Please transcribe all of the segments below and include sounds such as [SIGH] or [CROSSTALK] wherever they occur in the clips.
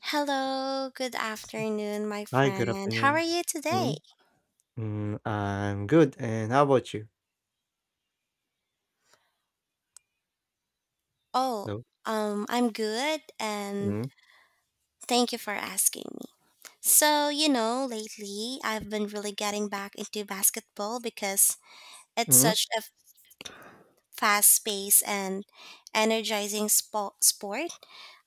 Hello, good afternoon, my Hi, good friend. How are afternoon. you today? Mhm, I'm good, and how about you? Oh, Hello? I'm good and Mhm, thank you for asking me. So, lately I've been really getting back into basketball because it's mhm, such a fast paced and energizing sport.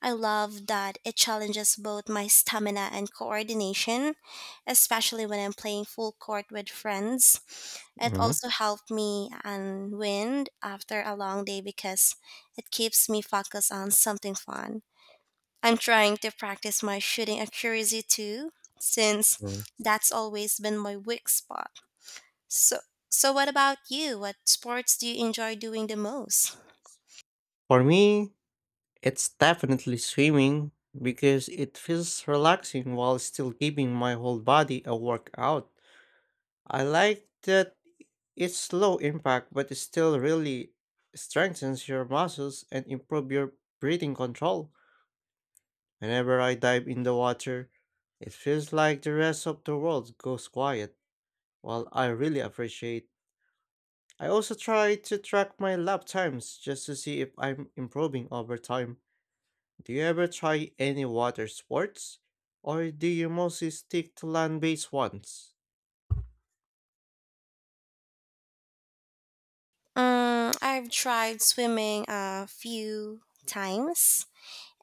I love that it challenges both my stamina and coordination, especially when I'm playing full court with friends. It mhm, also helped me unwind after a long day because it keeps me focused on something fun. I'm trying to practice my shooting accuracy too, since mhm. that's always been my weak spot. So, so what about you? What sports do you enjoy doing the most? For me, it's definitely swimming because it feels relaxing while still giving my whole body a workout. I like that it's low impact, but it still really strengthens your muscles and improve your breathing control. Whenever I dive in the water, it feels like the rest of the world goes quiet. Well, I really appreciate. I also try to track my lap times just to see if I'm improving over time. Do you ever try any water sports? Or do you mostly stick to land based ones? I've tried swimming a few times,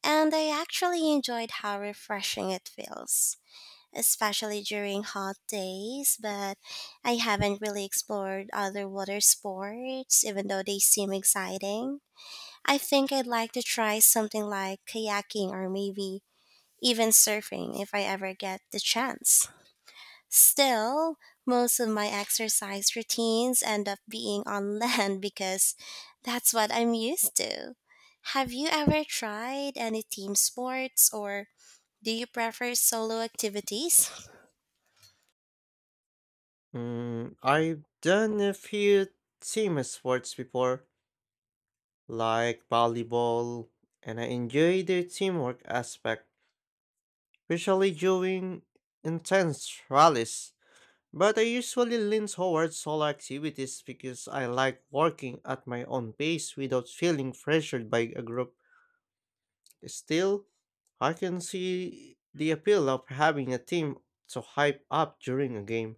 and I actually enjoyed how refreshing it feels, especially during hot days, but I haven't really explored other water sports, even though they seem exciting. I think I'd like to try something like kayaking or maybe even surfing if I ever get the chance. Still, most of my exercise routines end up being on [LAUGHS] land because that's what I'm used to. Have you ever tried any team sports, or do you prefer solo activities? I've done a few team sports before, like volleyball, and I enjoy the teamwork aspect, especially during intense rallies. But I usually lean towards solo activities because I like working at my own pace without feeling pressured by a group. Still, I can see the appeal of having a team to hype up during a game.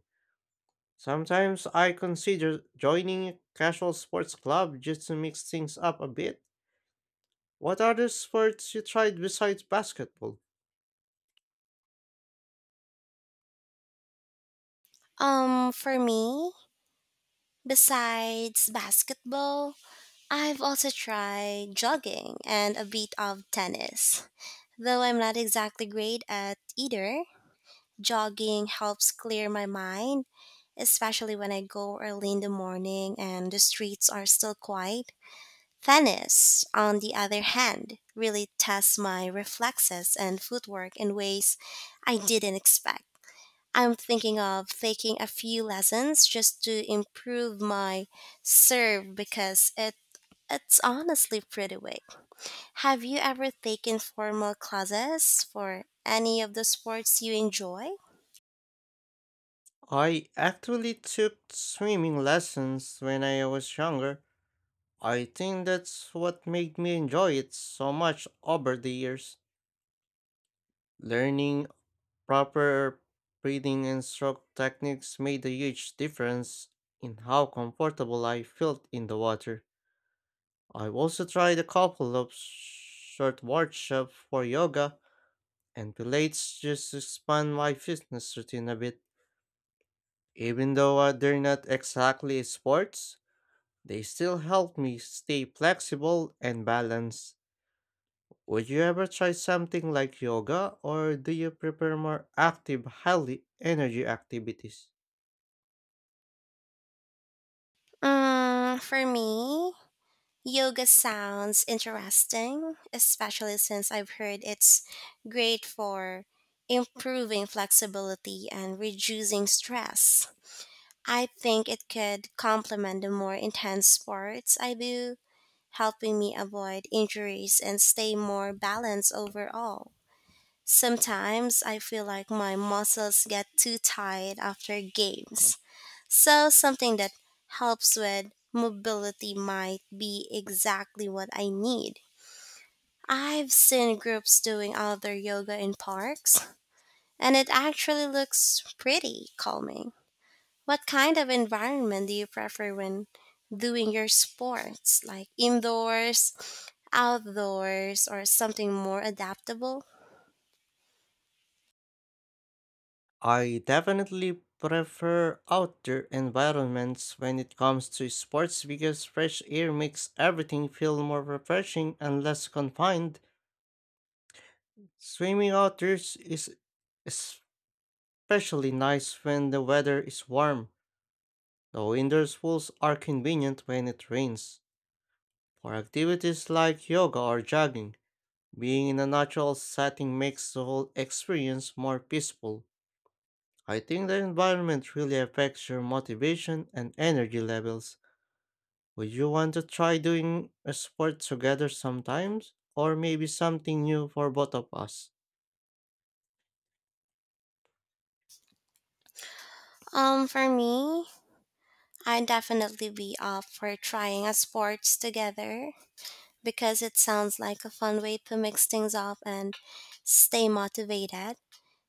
Sometimes I consider joining a casual sports club just to mix things up a bit. What other sports you tried besides basketball? For me, besides basketball, I've also tried jogging and a bit of tennis. Though I'm not exactly great at either, jogging helps clear my mind, especially when I go early in the morning and the streets are still quiet. Tennis, on the other hand, really tests my reflexes and footwork in ways I didn't expect. I'm thinking of taking a few lessons just to improve my serve, because it's honestly pretty weak. Have you ever taken formal classes for any of the sports you enjoy? I actually took swimming lessons when I was younger. I think that's what made me enjoy it so much over the years. Learning proper breathing and stroke techniques made a huge difference in how comfortable I felt in the water. I've also tried a couple of short workshops for yoga and pilates just to expand my fitness routine a bit. Even though they're not exactly sports, they still help me stay flexible and balanced. Would you ever try something like yoga, or do you prefer more active, highly energy activities? For me, yoga sounds interesting, especially since I've heard it's great for improving flexibility and reducing stress. I think it could complement the more intense sports I do, helping me avoid injuries and stay more balanced overall. Sometimes I feel like my muscles get too tired after games, so something that helps with mobility might be exactly what I need. I've seen groups doing outdoor yoga in parks, and it actually looks pretty calming. What kind of environment do you prefer when doing your sports? Like indoors, outdoors, or something more adaptable? I definitely prefer outdoor environments when it comes to sports because fresh air makes everything feel more refreshing and less confined. Swimming outdoors is especially nice when the weather is warm, though indoor pools are convenient when it rains. For activities like yoga or jogging, being in a natural setting makes the whole experience more peaceful. I think the environment really affects your motivation and energy levels. Would you want to try doing a sport together sometimes? Or maybe something new for both of us? For me, I'd definitely be up for trying a sports together because it sounds like a fun way to mix things up and stay motivated.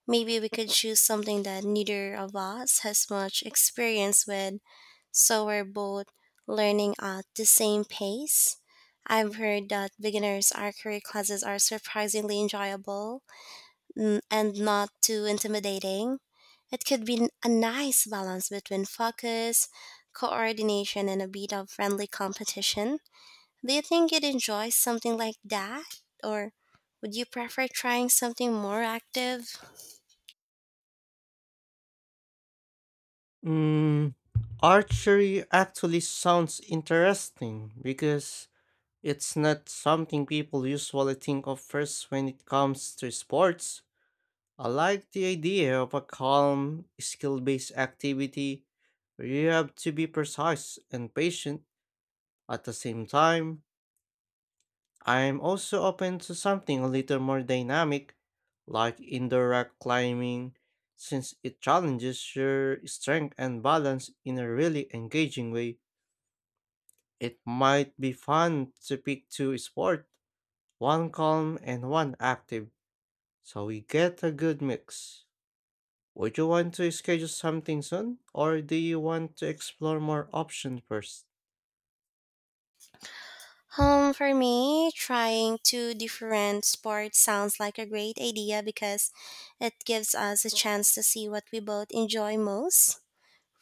Maybe we could choose something that neither of us has much experience with, so we're both learning at the same pace. I've heard that beginners archery classes are surprisingly enjoyable and not too intimidating. It could be a nice balance between focus, coordination, and a bit of friendly competition. Do you think you'd enjoy something like that? Or would you prefer trying something more active? Mm, Archery actually sounds interesting because it's not something people usually think of first when it comes to sports. I like the idea of a calm, skill based activity where you have to be precise and patient at the same time. I'm also open to something a little more dynamic, like indoor rock climbing, since it challenges your strength and balance in a really engaging way. It might be fun to pick two sports, one calm and one active, so we get a good mix. Would you want to schedule something soon, or do you want to explore more options first? For me, trying two different sports sounds like a great idea because it gives us a chance to see what we both enjoy most.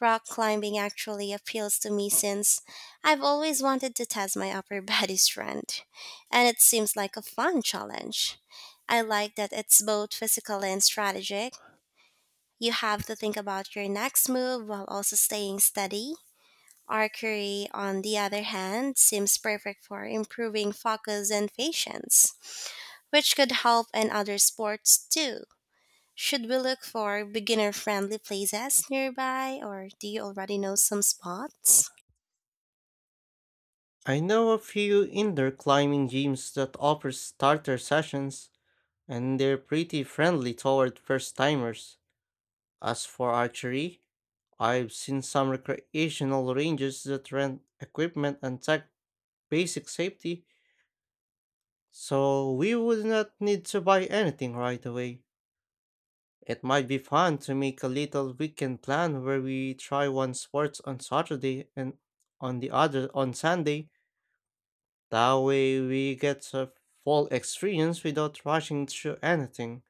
Rock climbing actually appeals to me since I've always wanted to test my upper [LAUGHS] body strength, and it seems like a fun challenge. I like that it's both physical and strategic. You have to think about your next move while also staying steady. Archery, on the other hand, seems perfect for improving focus and patience, which could help in other sports too. Should we look for beginner friendly places nearby, or do you already know some spots? I know a few indoor climbing gyms that offer starter sessions, and they're pretty friendly toward first timers. As for archery, I've seen some recreational ranges that rent equipment and tech basic safety, so we would not need to buy anything right away. It might be fun to make a little weekend plan where we try one sport on Saturday and on the other on Sunday. That way we get a full experience without rushing through anything.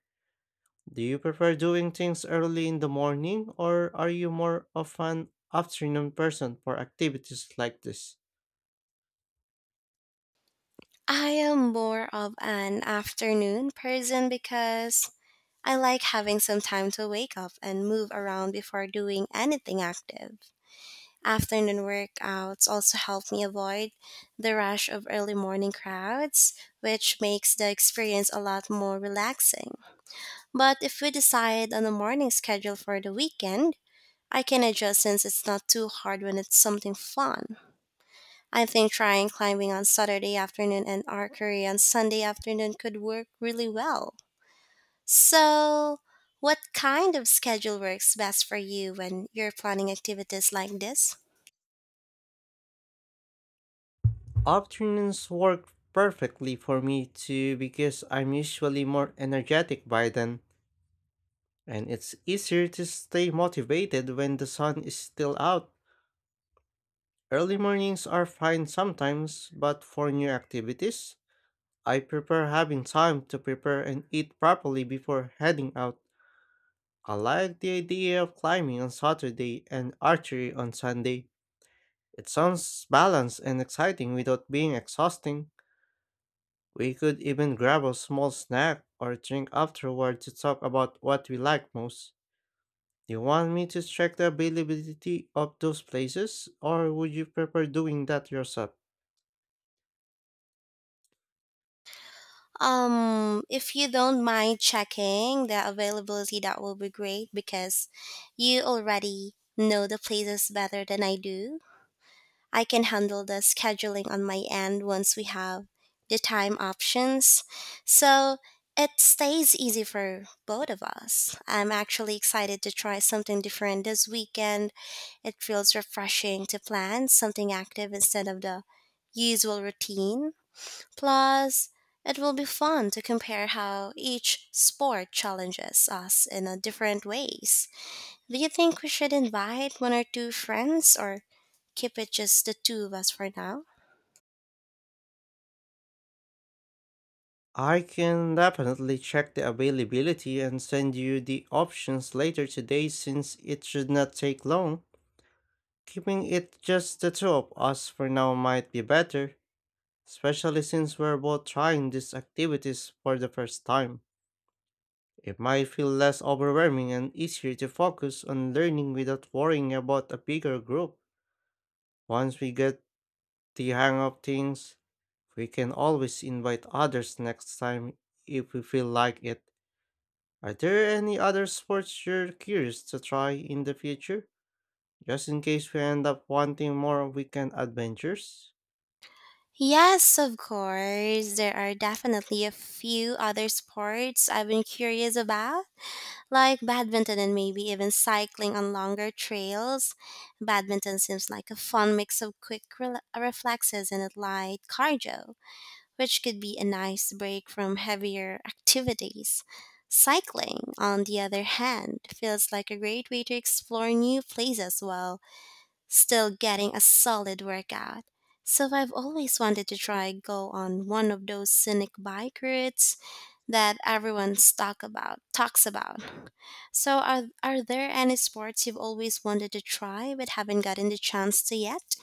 Do you prefer doing things early in the morning, or are you more of an afternoon person for activities like this? I am more of an afternoon person because I like having some time to wake up and move around before doing anything active. Afternoon workouts also help me avoid the rush of early morning crowds, which makes the experience a lot more relaxing. But if we decide on a morning schedule for the weekend, I can adjust, since it's not too hard when it's something fun. I think trying climbing on Saturday afternoon and archery on Sunday afternoon could work really well. So, what kind of schedule works best for you when you're planning activities like this? Afternoons work perfectly for me too because I'm usually more energetic by then. And it's easier to stay motivated when the sun is still out. Early mornings are fine sometimes, but for new activities, I prefer having time to prepare and eat properly before heading out. I like the idea of climbing on Saturday and archery on Sunday. It sounds balanced and exciting without being exhausting. We could even grab a small snack or drink afterward to talk about what we like most. Do you want me to check the availability of those places, or would you prefer doing that yourself? If you don't mind checking the availability, that will be great, because you already know the places better than I do. I can handle the scheduling on my end once we have the time options, so it stays easy for both of us. I'm actually excited to try something different this weekend. It feels refreshing to plan something active instead of the usual routine. Plus, it will be fun to compare how each sport challenges us in a different ways. Do you think we should invite one or two friends, or keep it just the two of us for now? I can definitely check the availability and send you the options later today since it should not take long. Keeping it just the two of us for now might be better, especially since we're both trying these activities for the first time. It might feel less overwhelming and easier to focus on learning without worrying about a bigger group. Once we get the hang of things, we can always invite others next time if we feel like it. Are there any other sports you're curious to try in the future? Just in case we end up wanting more weekend adventures? Yes, of course. There are definitely a few other sports I've been curious about, like badminton and maybe even cycling on longer trails. Badminton seems like a fun mix of quick reflexes and light cardio, which could be a nice break from heavier activities. Cycling, on the other hand, feels like a great way to explore new places while still getting a solid workout. So I've always wanted to try go on one of those scenic bike routes that everyone talks about. So are there any sports you've always wanted to try but haven't gotten the chance to yet?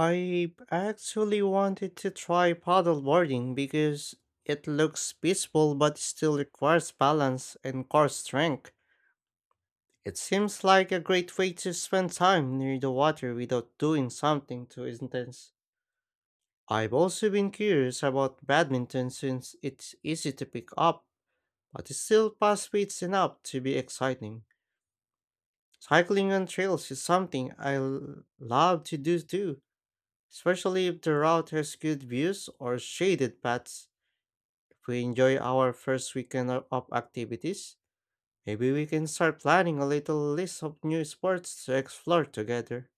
I actually wanted to try paddleboarding because it looks peaceful but still requires balance and core strength. It seems like a great way to spend time near the water without doing something too intense. I've also been curious about badminton since it's easy to pick up, but it's still fast paced enough to be exciting. Cycling on trails is something I love to do too, especially if the route has good views or shaded paths. If we enjoy our first weekend of activities, maybe we can start planning a little list of new sports to explore together.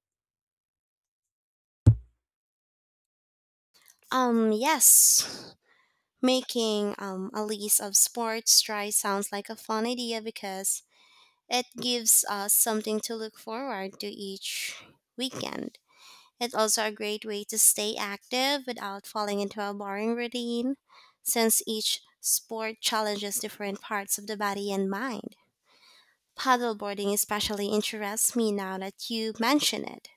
Yes. Making a list of sports try sounds like a fun idea because it gives us something to look forward to each weekend. It's also a great way to stay active without falling into a boring routine, since each sport challenges different parts of the body and mind. Paddleboarding especially interests me now that you mention it.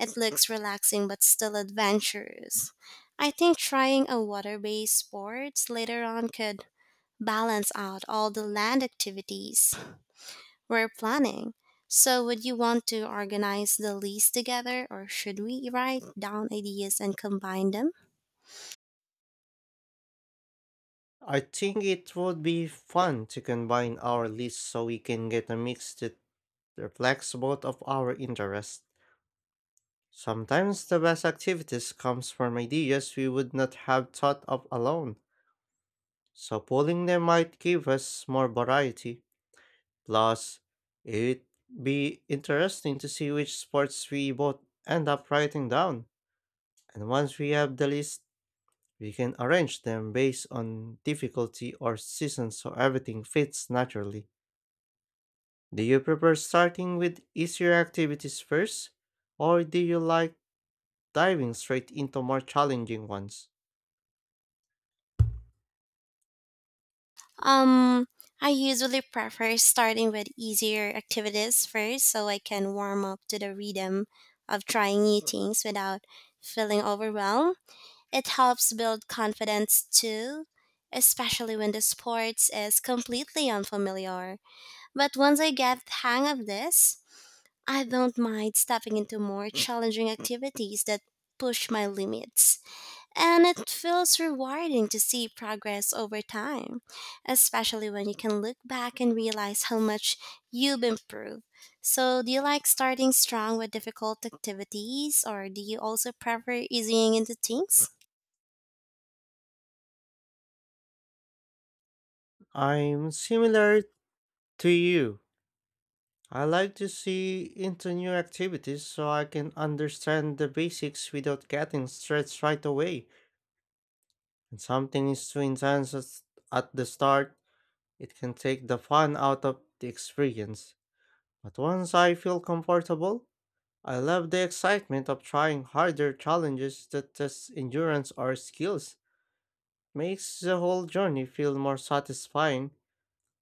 It looks relaxing but still adventurous. I think trying a water based sport later on could balance out all the land activities we're planning. So, would you want to organize the list together, or should we write down ideas and combine them? I think it would be fun to combine our lists so we can get a mix that reflects both of our interests. Sometimes the best activities comes from ideas we would not have thought of alone, so pooling them might give us more variety. Plus, it'd be interesting to see which sports we both end up writing down. And once we have the list, we can arrange them based on difficulty or season so everything fits naturally. Do you prefer starting with easier activities first, or do you like diving straight into more challenging ones? Um, I usually prefer starting with easier activities first so I can warm up to the rhythm of trying new things without feeling overwhelmed. It helps build confidence too, especially when the sports is completely unfamiliar. But once I get the hang of this, I don't mind stepping into more challenging activities that push my limits. And it feels rewarding to see progress over time, especially when you can look back and realize how much you've improved. So, do you like starting strong with difficult activities, or do you also prefer easing into things? I'm similar to you. I like to see into new activities so I can understand the basics without getting stressed right away. When something is too intense at the start, it can take the fun out of the experience. But once I feel comfortable, I love the excitement of trying harder challenges that test endurance or skills. Makes the whole journey feel more satisfying.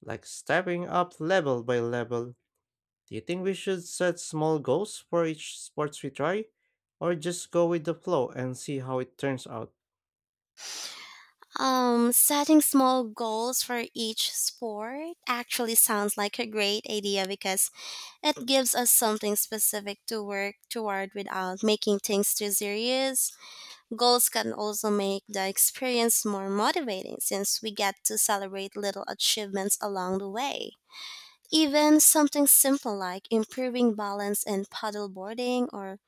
Like stepping up level by level. Do you think we should set small goals for each sports we try? Or just go with the flow and see how it turns out? Setting small goals for each sport actually sounds like a great idea because it gives us something specific to work toward without making things too serious. Goals can also make the experience more motivating, since we get to celebrate little achievements along the way. Even something simple like improving balance in paddleboarding, or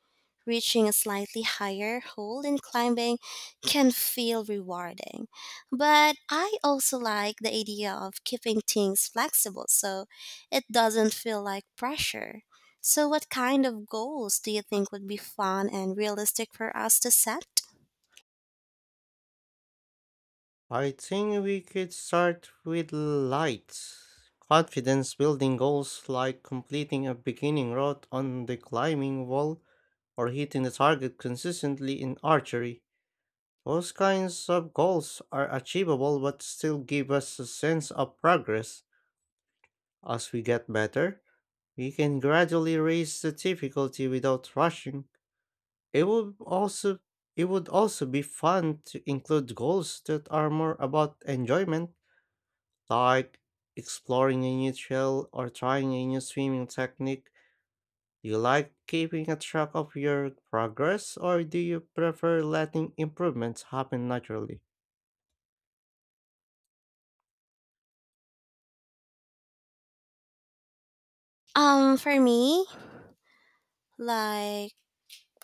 reaching a slightly higher hole in climbing, can feel rewarding, but I also like the idea of keeping things flexible so it doesn't feel like pressure. So, what kind of goals do you think would be fun and realistic for us to set? I think we could start with light, confidence building goals like completing a beginning route on the climbing wall or hitting the target consistently in archery. Those kinds of goals are achievable but still give us a sense of progress. As we get better, we can gradually raise the difficulty without rushing. It would also it would also be fun to include goals that are more about enjoyment, like exploring a new trail or trying a new swimming technique. Do you like keeping a track of your progress, or do you prefer letting improvements happen naturally? For me, like,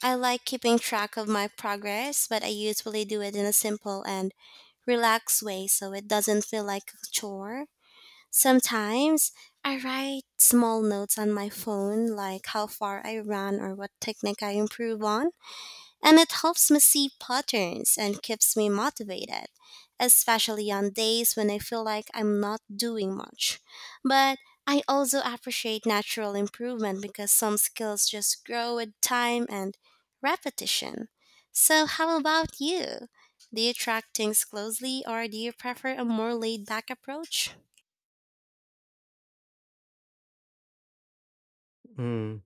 I like keeping track of my progress, but I usually do it in a simple and relaxed way so it doesn't feel like a chore. Sometimes I write small notes on my phone, like how far I ran or what technique I improve on, and it helps me see patterns and keeps me motivated, especially on days when I feel like I'm not doing much. But I also appreciate natural improvement because some skills just grow with time and repetition. So, how about you? Do you track things closely, or do you prefer a more laid back approach? Hmm.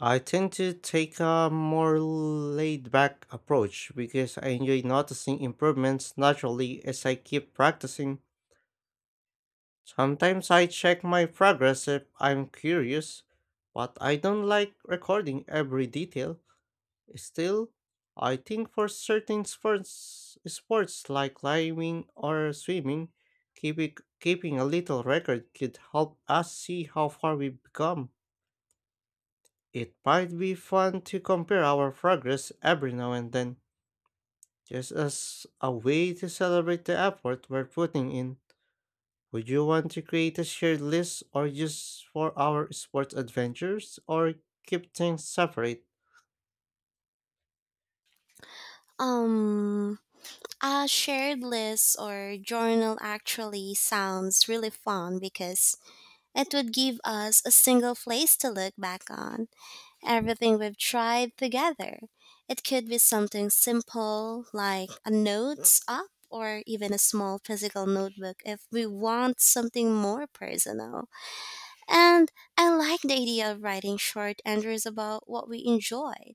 I tend to take a more laid back approach because I enjoy noticing improvements naturally as I keep practicing. Sometimes I check my progress if I'm curious, but I don't like recording every detail. Still, I think for certain sports like climbing or swimming, keeping a little record could help us see how far we've come. It might be fun to compare our progress every now and then, just as a way to celebrate the effort we're putting in. Would you want to create a shared list or just for our sports adventures, or keep things separate? Um, a shared list or journal actually sounds really fun because it would give us a single place to look back on everything we've tried together. It could be something simple like a notes app, or even a small physical notebook if we want something more personal. And I like the idea of writing short entries about what we enjoyed,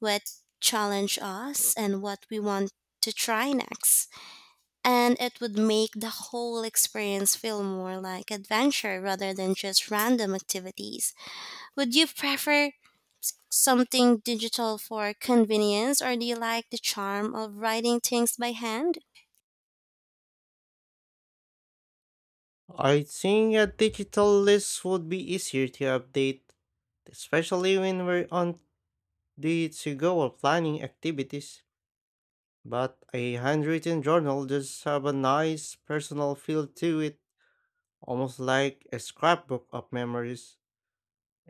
what challenge us, and what we want to try next. And it would make the whole experience feel more like adventure rather than just random activities. Would you prefer something digital for convenience, or do you like the charm of writing things by hand? I think a digital list would be easier to update, especially when we're on the to go or planning activities. But a handwritten journal does have a nice personal feel to it, almost like a scrapbook of memories.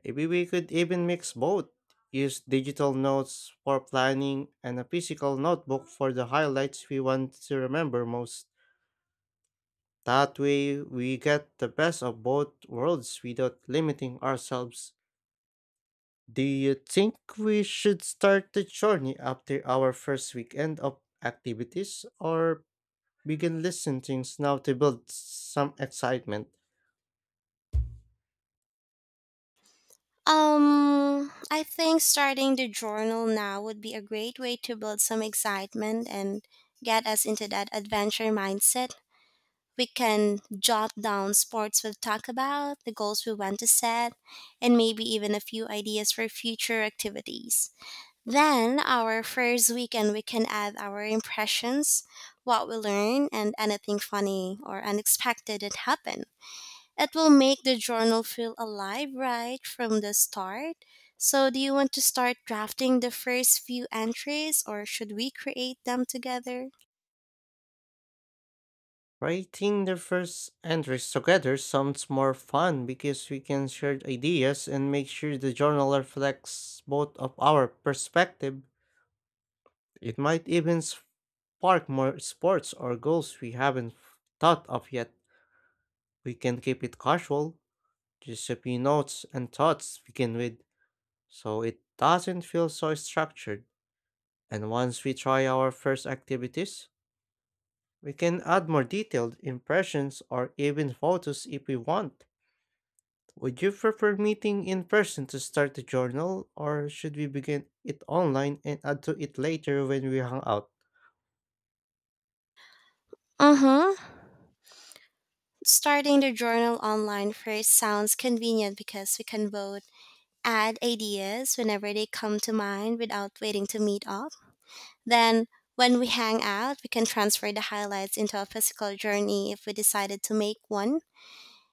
Maybe we could even mix both. Use digital notes for planning and a physical notebook for the highlights we want to remember most. That way, we get the best of both worlds without limiting ourselves. Do you think we should start the journey after our first weekend of activities, or begin listing things now to build some excitement? I think starting the journal now would be a great way to build some excitement and get us into that adventure mindset. We can jot down sports we'll talk about, the goals we want to set, and maybe even a few ideas for future activities. Then, our first weekend, we can add our impressions, what we learned, and anything funny or unexpected that happened. It will make the journal feel alive right from the start. So, do you want to start drafting the first few entries, or should we create them together? Writing the first entries together sounds more fun because we can share ideas and make sure the journal reflects both of our perspective. It might even spark more sports or goals we haven't thought of yet. We can keep it casual, just a few notes and thoughts to begin with, so it doesn't feel so structured. And once we try our first activities, we can add more detailed impressions or even photos if we want. Would you prefer meeting in person to start the journal, or should we begin it online and add to it later when we hang out? Mm hmm. Starting the journal online first sounds convenient because we can both add ideas whenever they come to mind without waiting to meet up. Then, when we hang out, we can transfer the highlights into a physical journey if we decided to make one.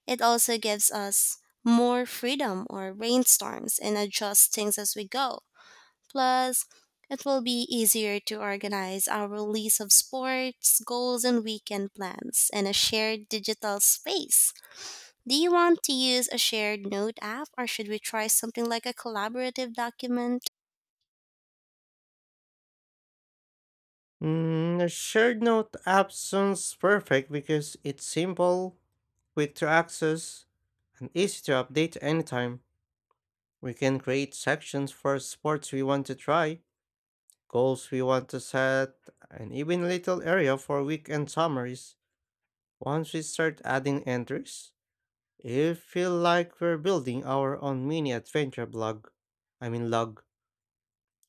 It also gives us more freedom or rainstorms and adjust things as we go. Plus, it will be easier to organize our release of sports, goals, and weekend plans in a shared digital space. Do you want to use a shared note app, or should we try something like a collaborative document? A shared note app sounds perfect because it's simple, quick to access, and easy to update anytime. We can create sections for sports we want to try, goals we want to set, and even a little area for weekend summaries. Once we start adding entries, you feel like we're building our own mini adventure blog. I mean log.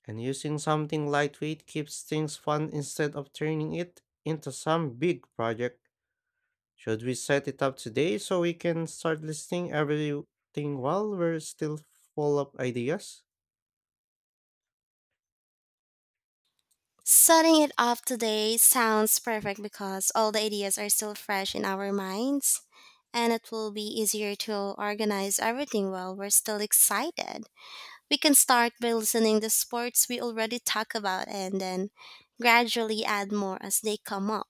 And using something lightweight keeps things fun instead of turning it into some big project. Should we set it up today so we can start listing everything while we're still full of ideas? Setting it up today sounds perfect because all the ideas are still fresh in our minds, and it will be easier to organize everything while we're still excited. We can start by listening to sports we already talk about and then gradually add more as they come up.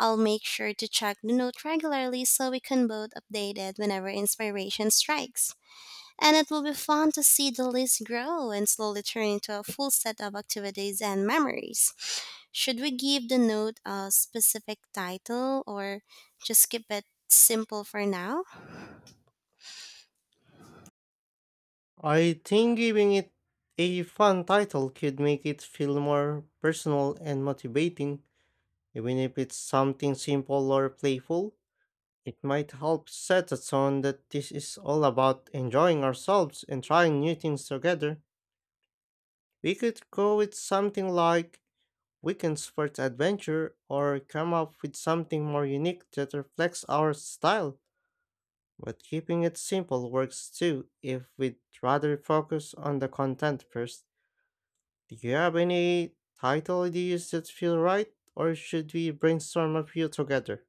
I'll make sure to check the note regularly so we can both update it whenever inspiration strikes. And it will be fun to see the list grow and slowly turn into a full set of activities and memories. Should we give the note a specific title, or just keep it simple for now? I think giving it a fun title could make it feel more personal and motivating, even if it's something simple or playful. It might help set a tone that this is all about enjoying ourselves and trying new things together. We could go with something like Weekends for Adventure, or come up with something more unique that reflects our style. But keeping it simple works too if we'd rather focus on the content first. Do you have any title ideas that feel right, or should we brainstorm a few together?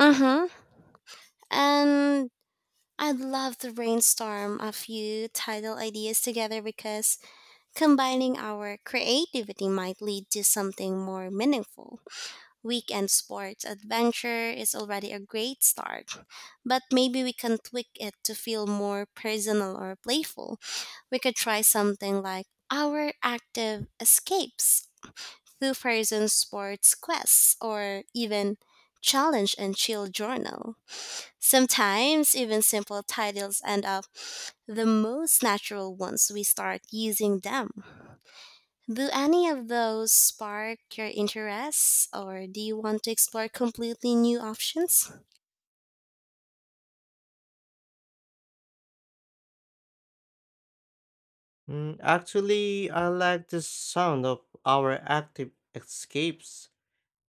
Mm-hmm. And I'd love to brainstorm a few title ideas together because combining our creativity might lead to something more meaningful. Weekend sports adventure is already a great start, but maybe we can tweak it to feel more personal or playful. We could try something like our active escapes, two-person sports quests, or even challenge and chill journal. Sometimes even simple titles end up the most natural once we start using them. Do any of those spark your interests, or do you want to explore completely new options? Actually, I like the sound of our active escapes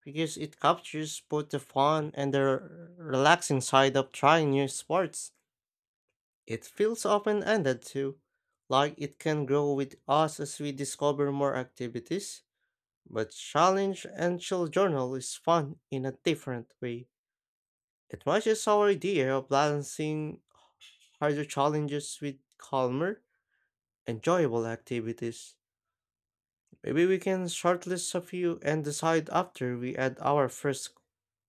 because it captures both the fun and the relaxing side of trying new sports. It feels open-ended too, like it can grow with us as we discover more activities. But challenge and chill journal is fun in a different way. It matches our idea of balancing harder challenges with calmer, enjoyable activities. Maybe we can shortlist a few and decide after we add our first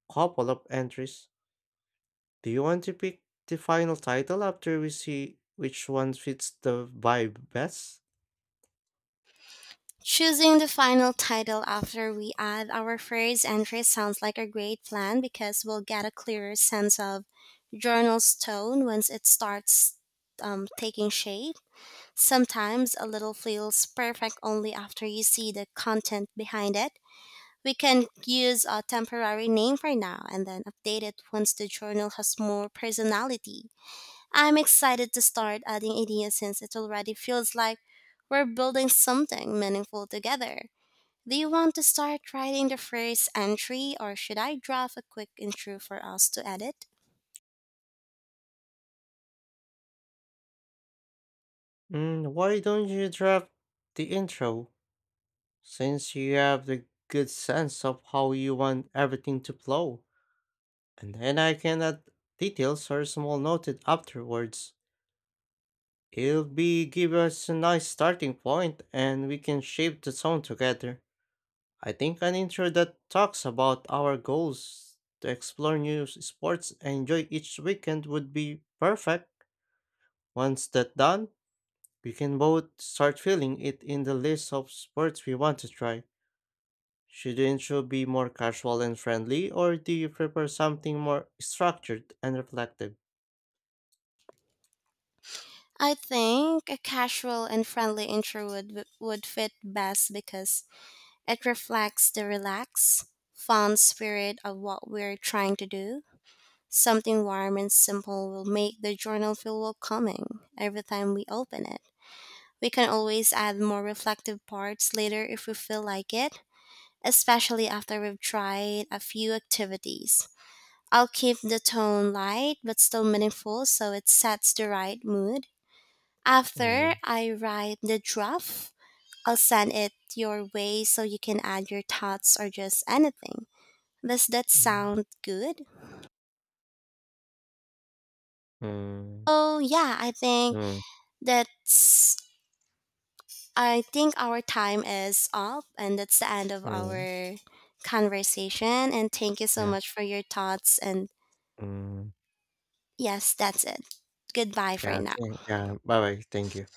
couple of entries. Do you want to pick the final title after we see which one fits the vibe best? Choosing the final title after we add our first entry sounds like a great plan, because we'll get a clearer sense of journal's tone once it starts taking shape. Sometimes a little feels perfect only after you see the content behind it. We can use a temporary name for now and then update it once the journal has more personality. I'm excited to start adding ideas since it already feels like we're building something meaningful together. Do you want to start writing the first entry, or should I draft a quick intro for us to edit? Why don't you draft the intro? Since you have the good sense of how you want everything to flow, and then I can add details or small noted afterwards. It'll be give us a nice starting point and we can shape the song together. I think an intro that talks about our goals to explore new sports and enjoy each weekend would be perfect. Once that's done, we can both start filling it in the list of sports we want to try. Should the intro be more casual and friendly, or do you prefer something more structured and reflective? I think a casual and friendly intro would fit best because it reflects the relaxed, fun spirit of what we're trying to do. Something warm and simple will make the journal feel welcoming every time we open it. We can always add more reflective parts later if we feel like it, especially after we've tried a few activities. I'll keep the tone light but still meaningful so it sets the right mood. After Mm, I write the draft, I'll send it your way so you can add your thoughts or just anything. Does that mm, sound good? mm, Oh, yeah, mm, that's I think our time is up, and that's the end of mm. our conversation. And thank you so Yeah. much for your thoughts. And Mm, yes, that's it. Goodbye for yeah. now. Yeah. Bye bye. Thank you.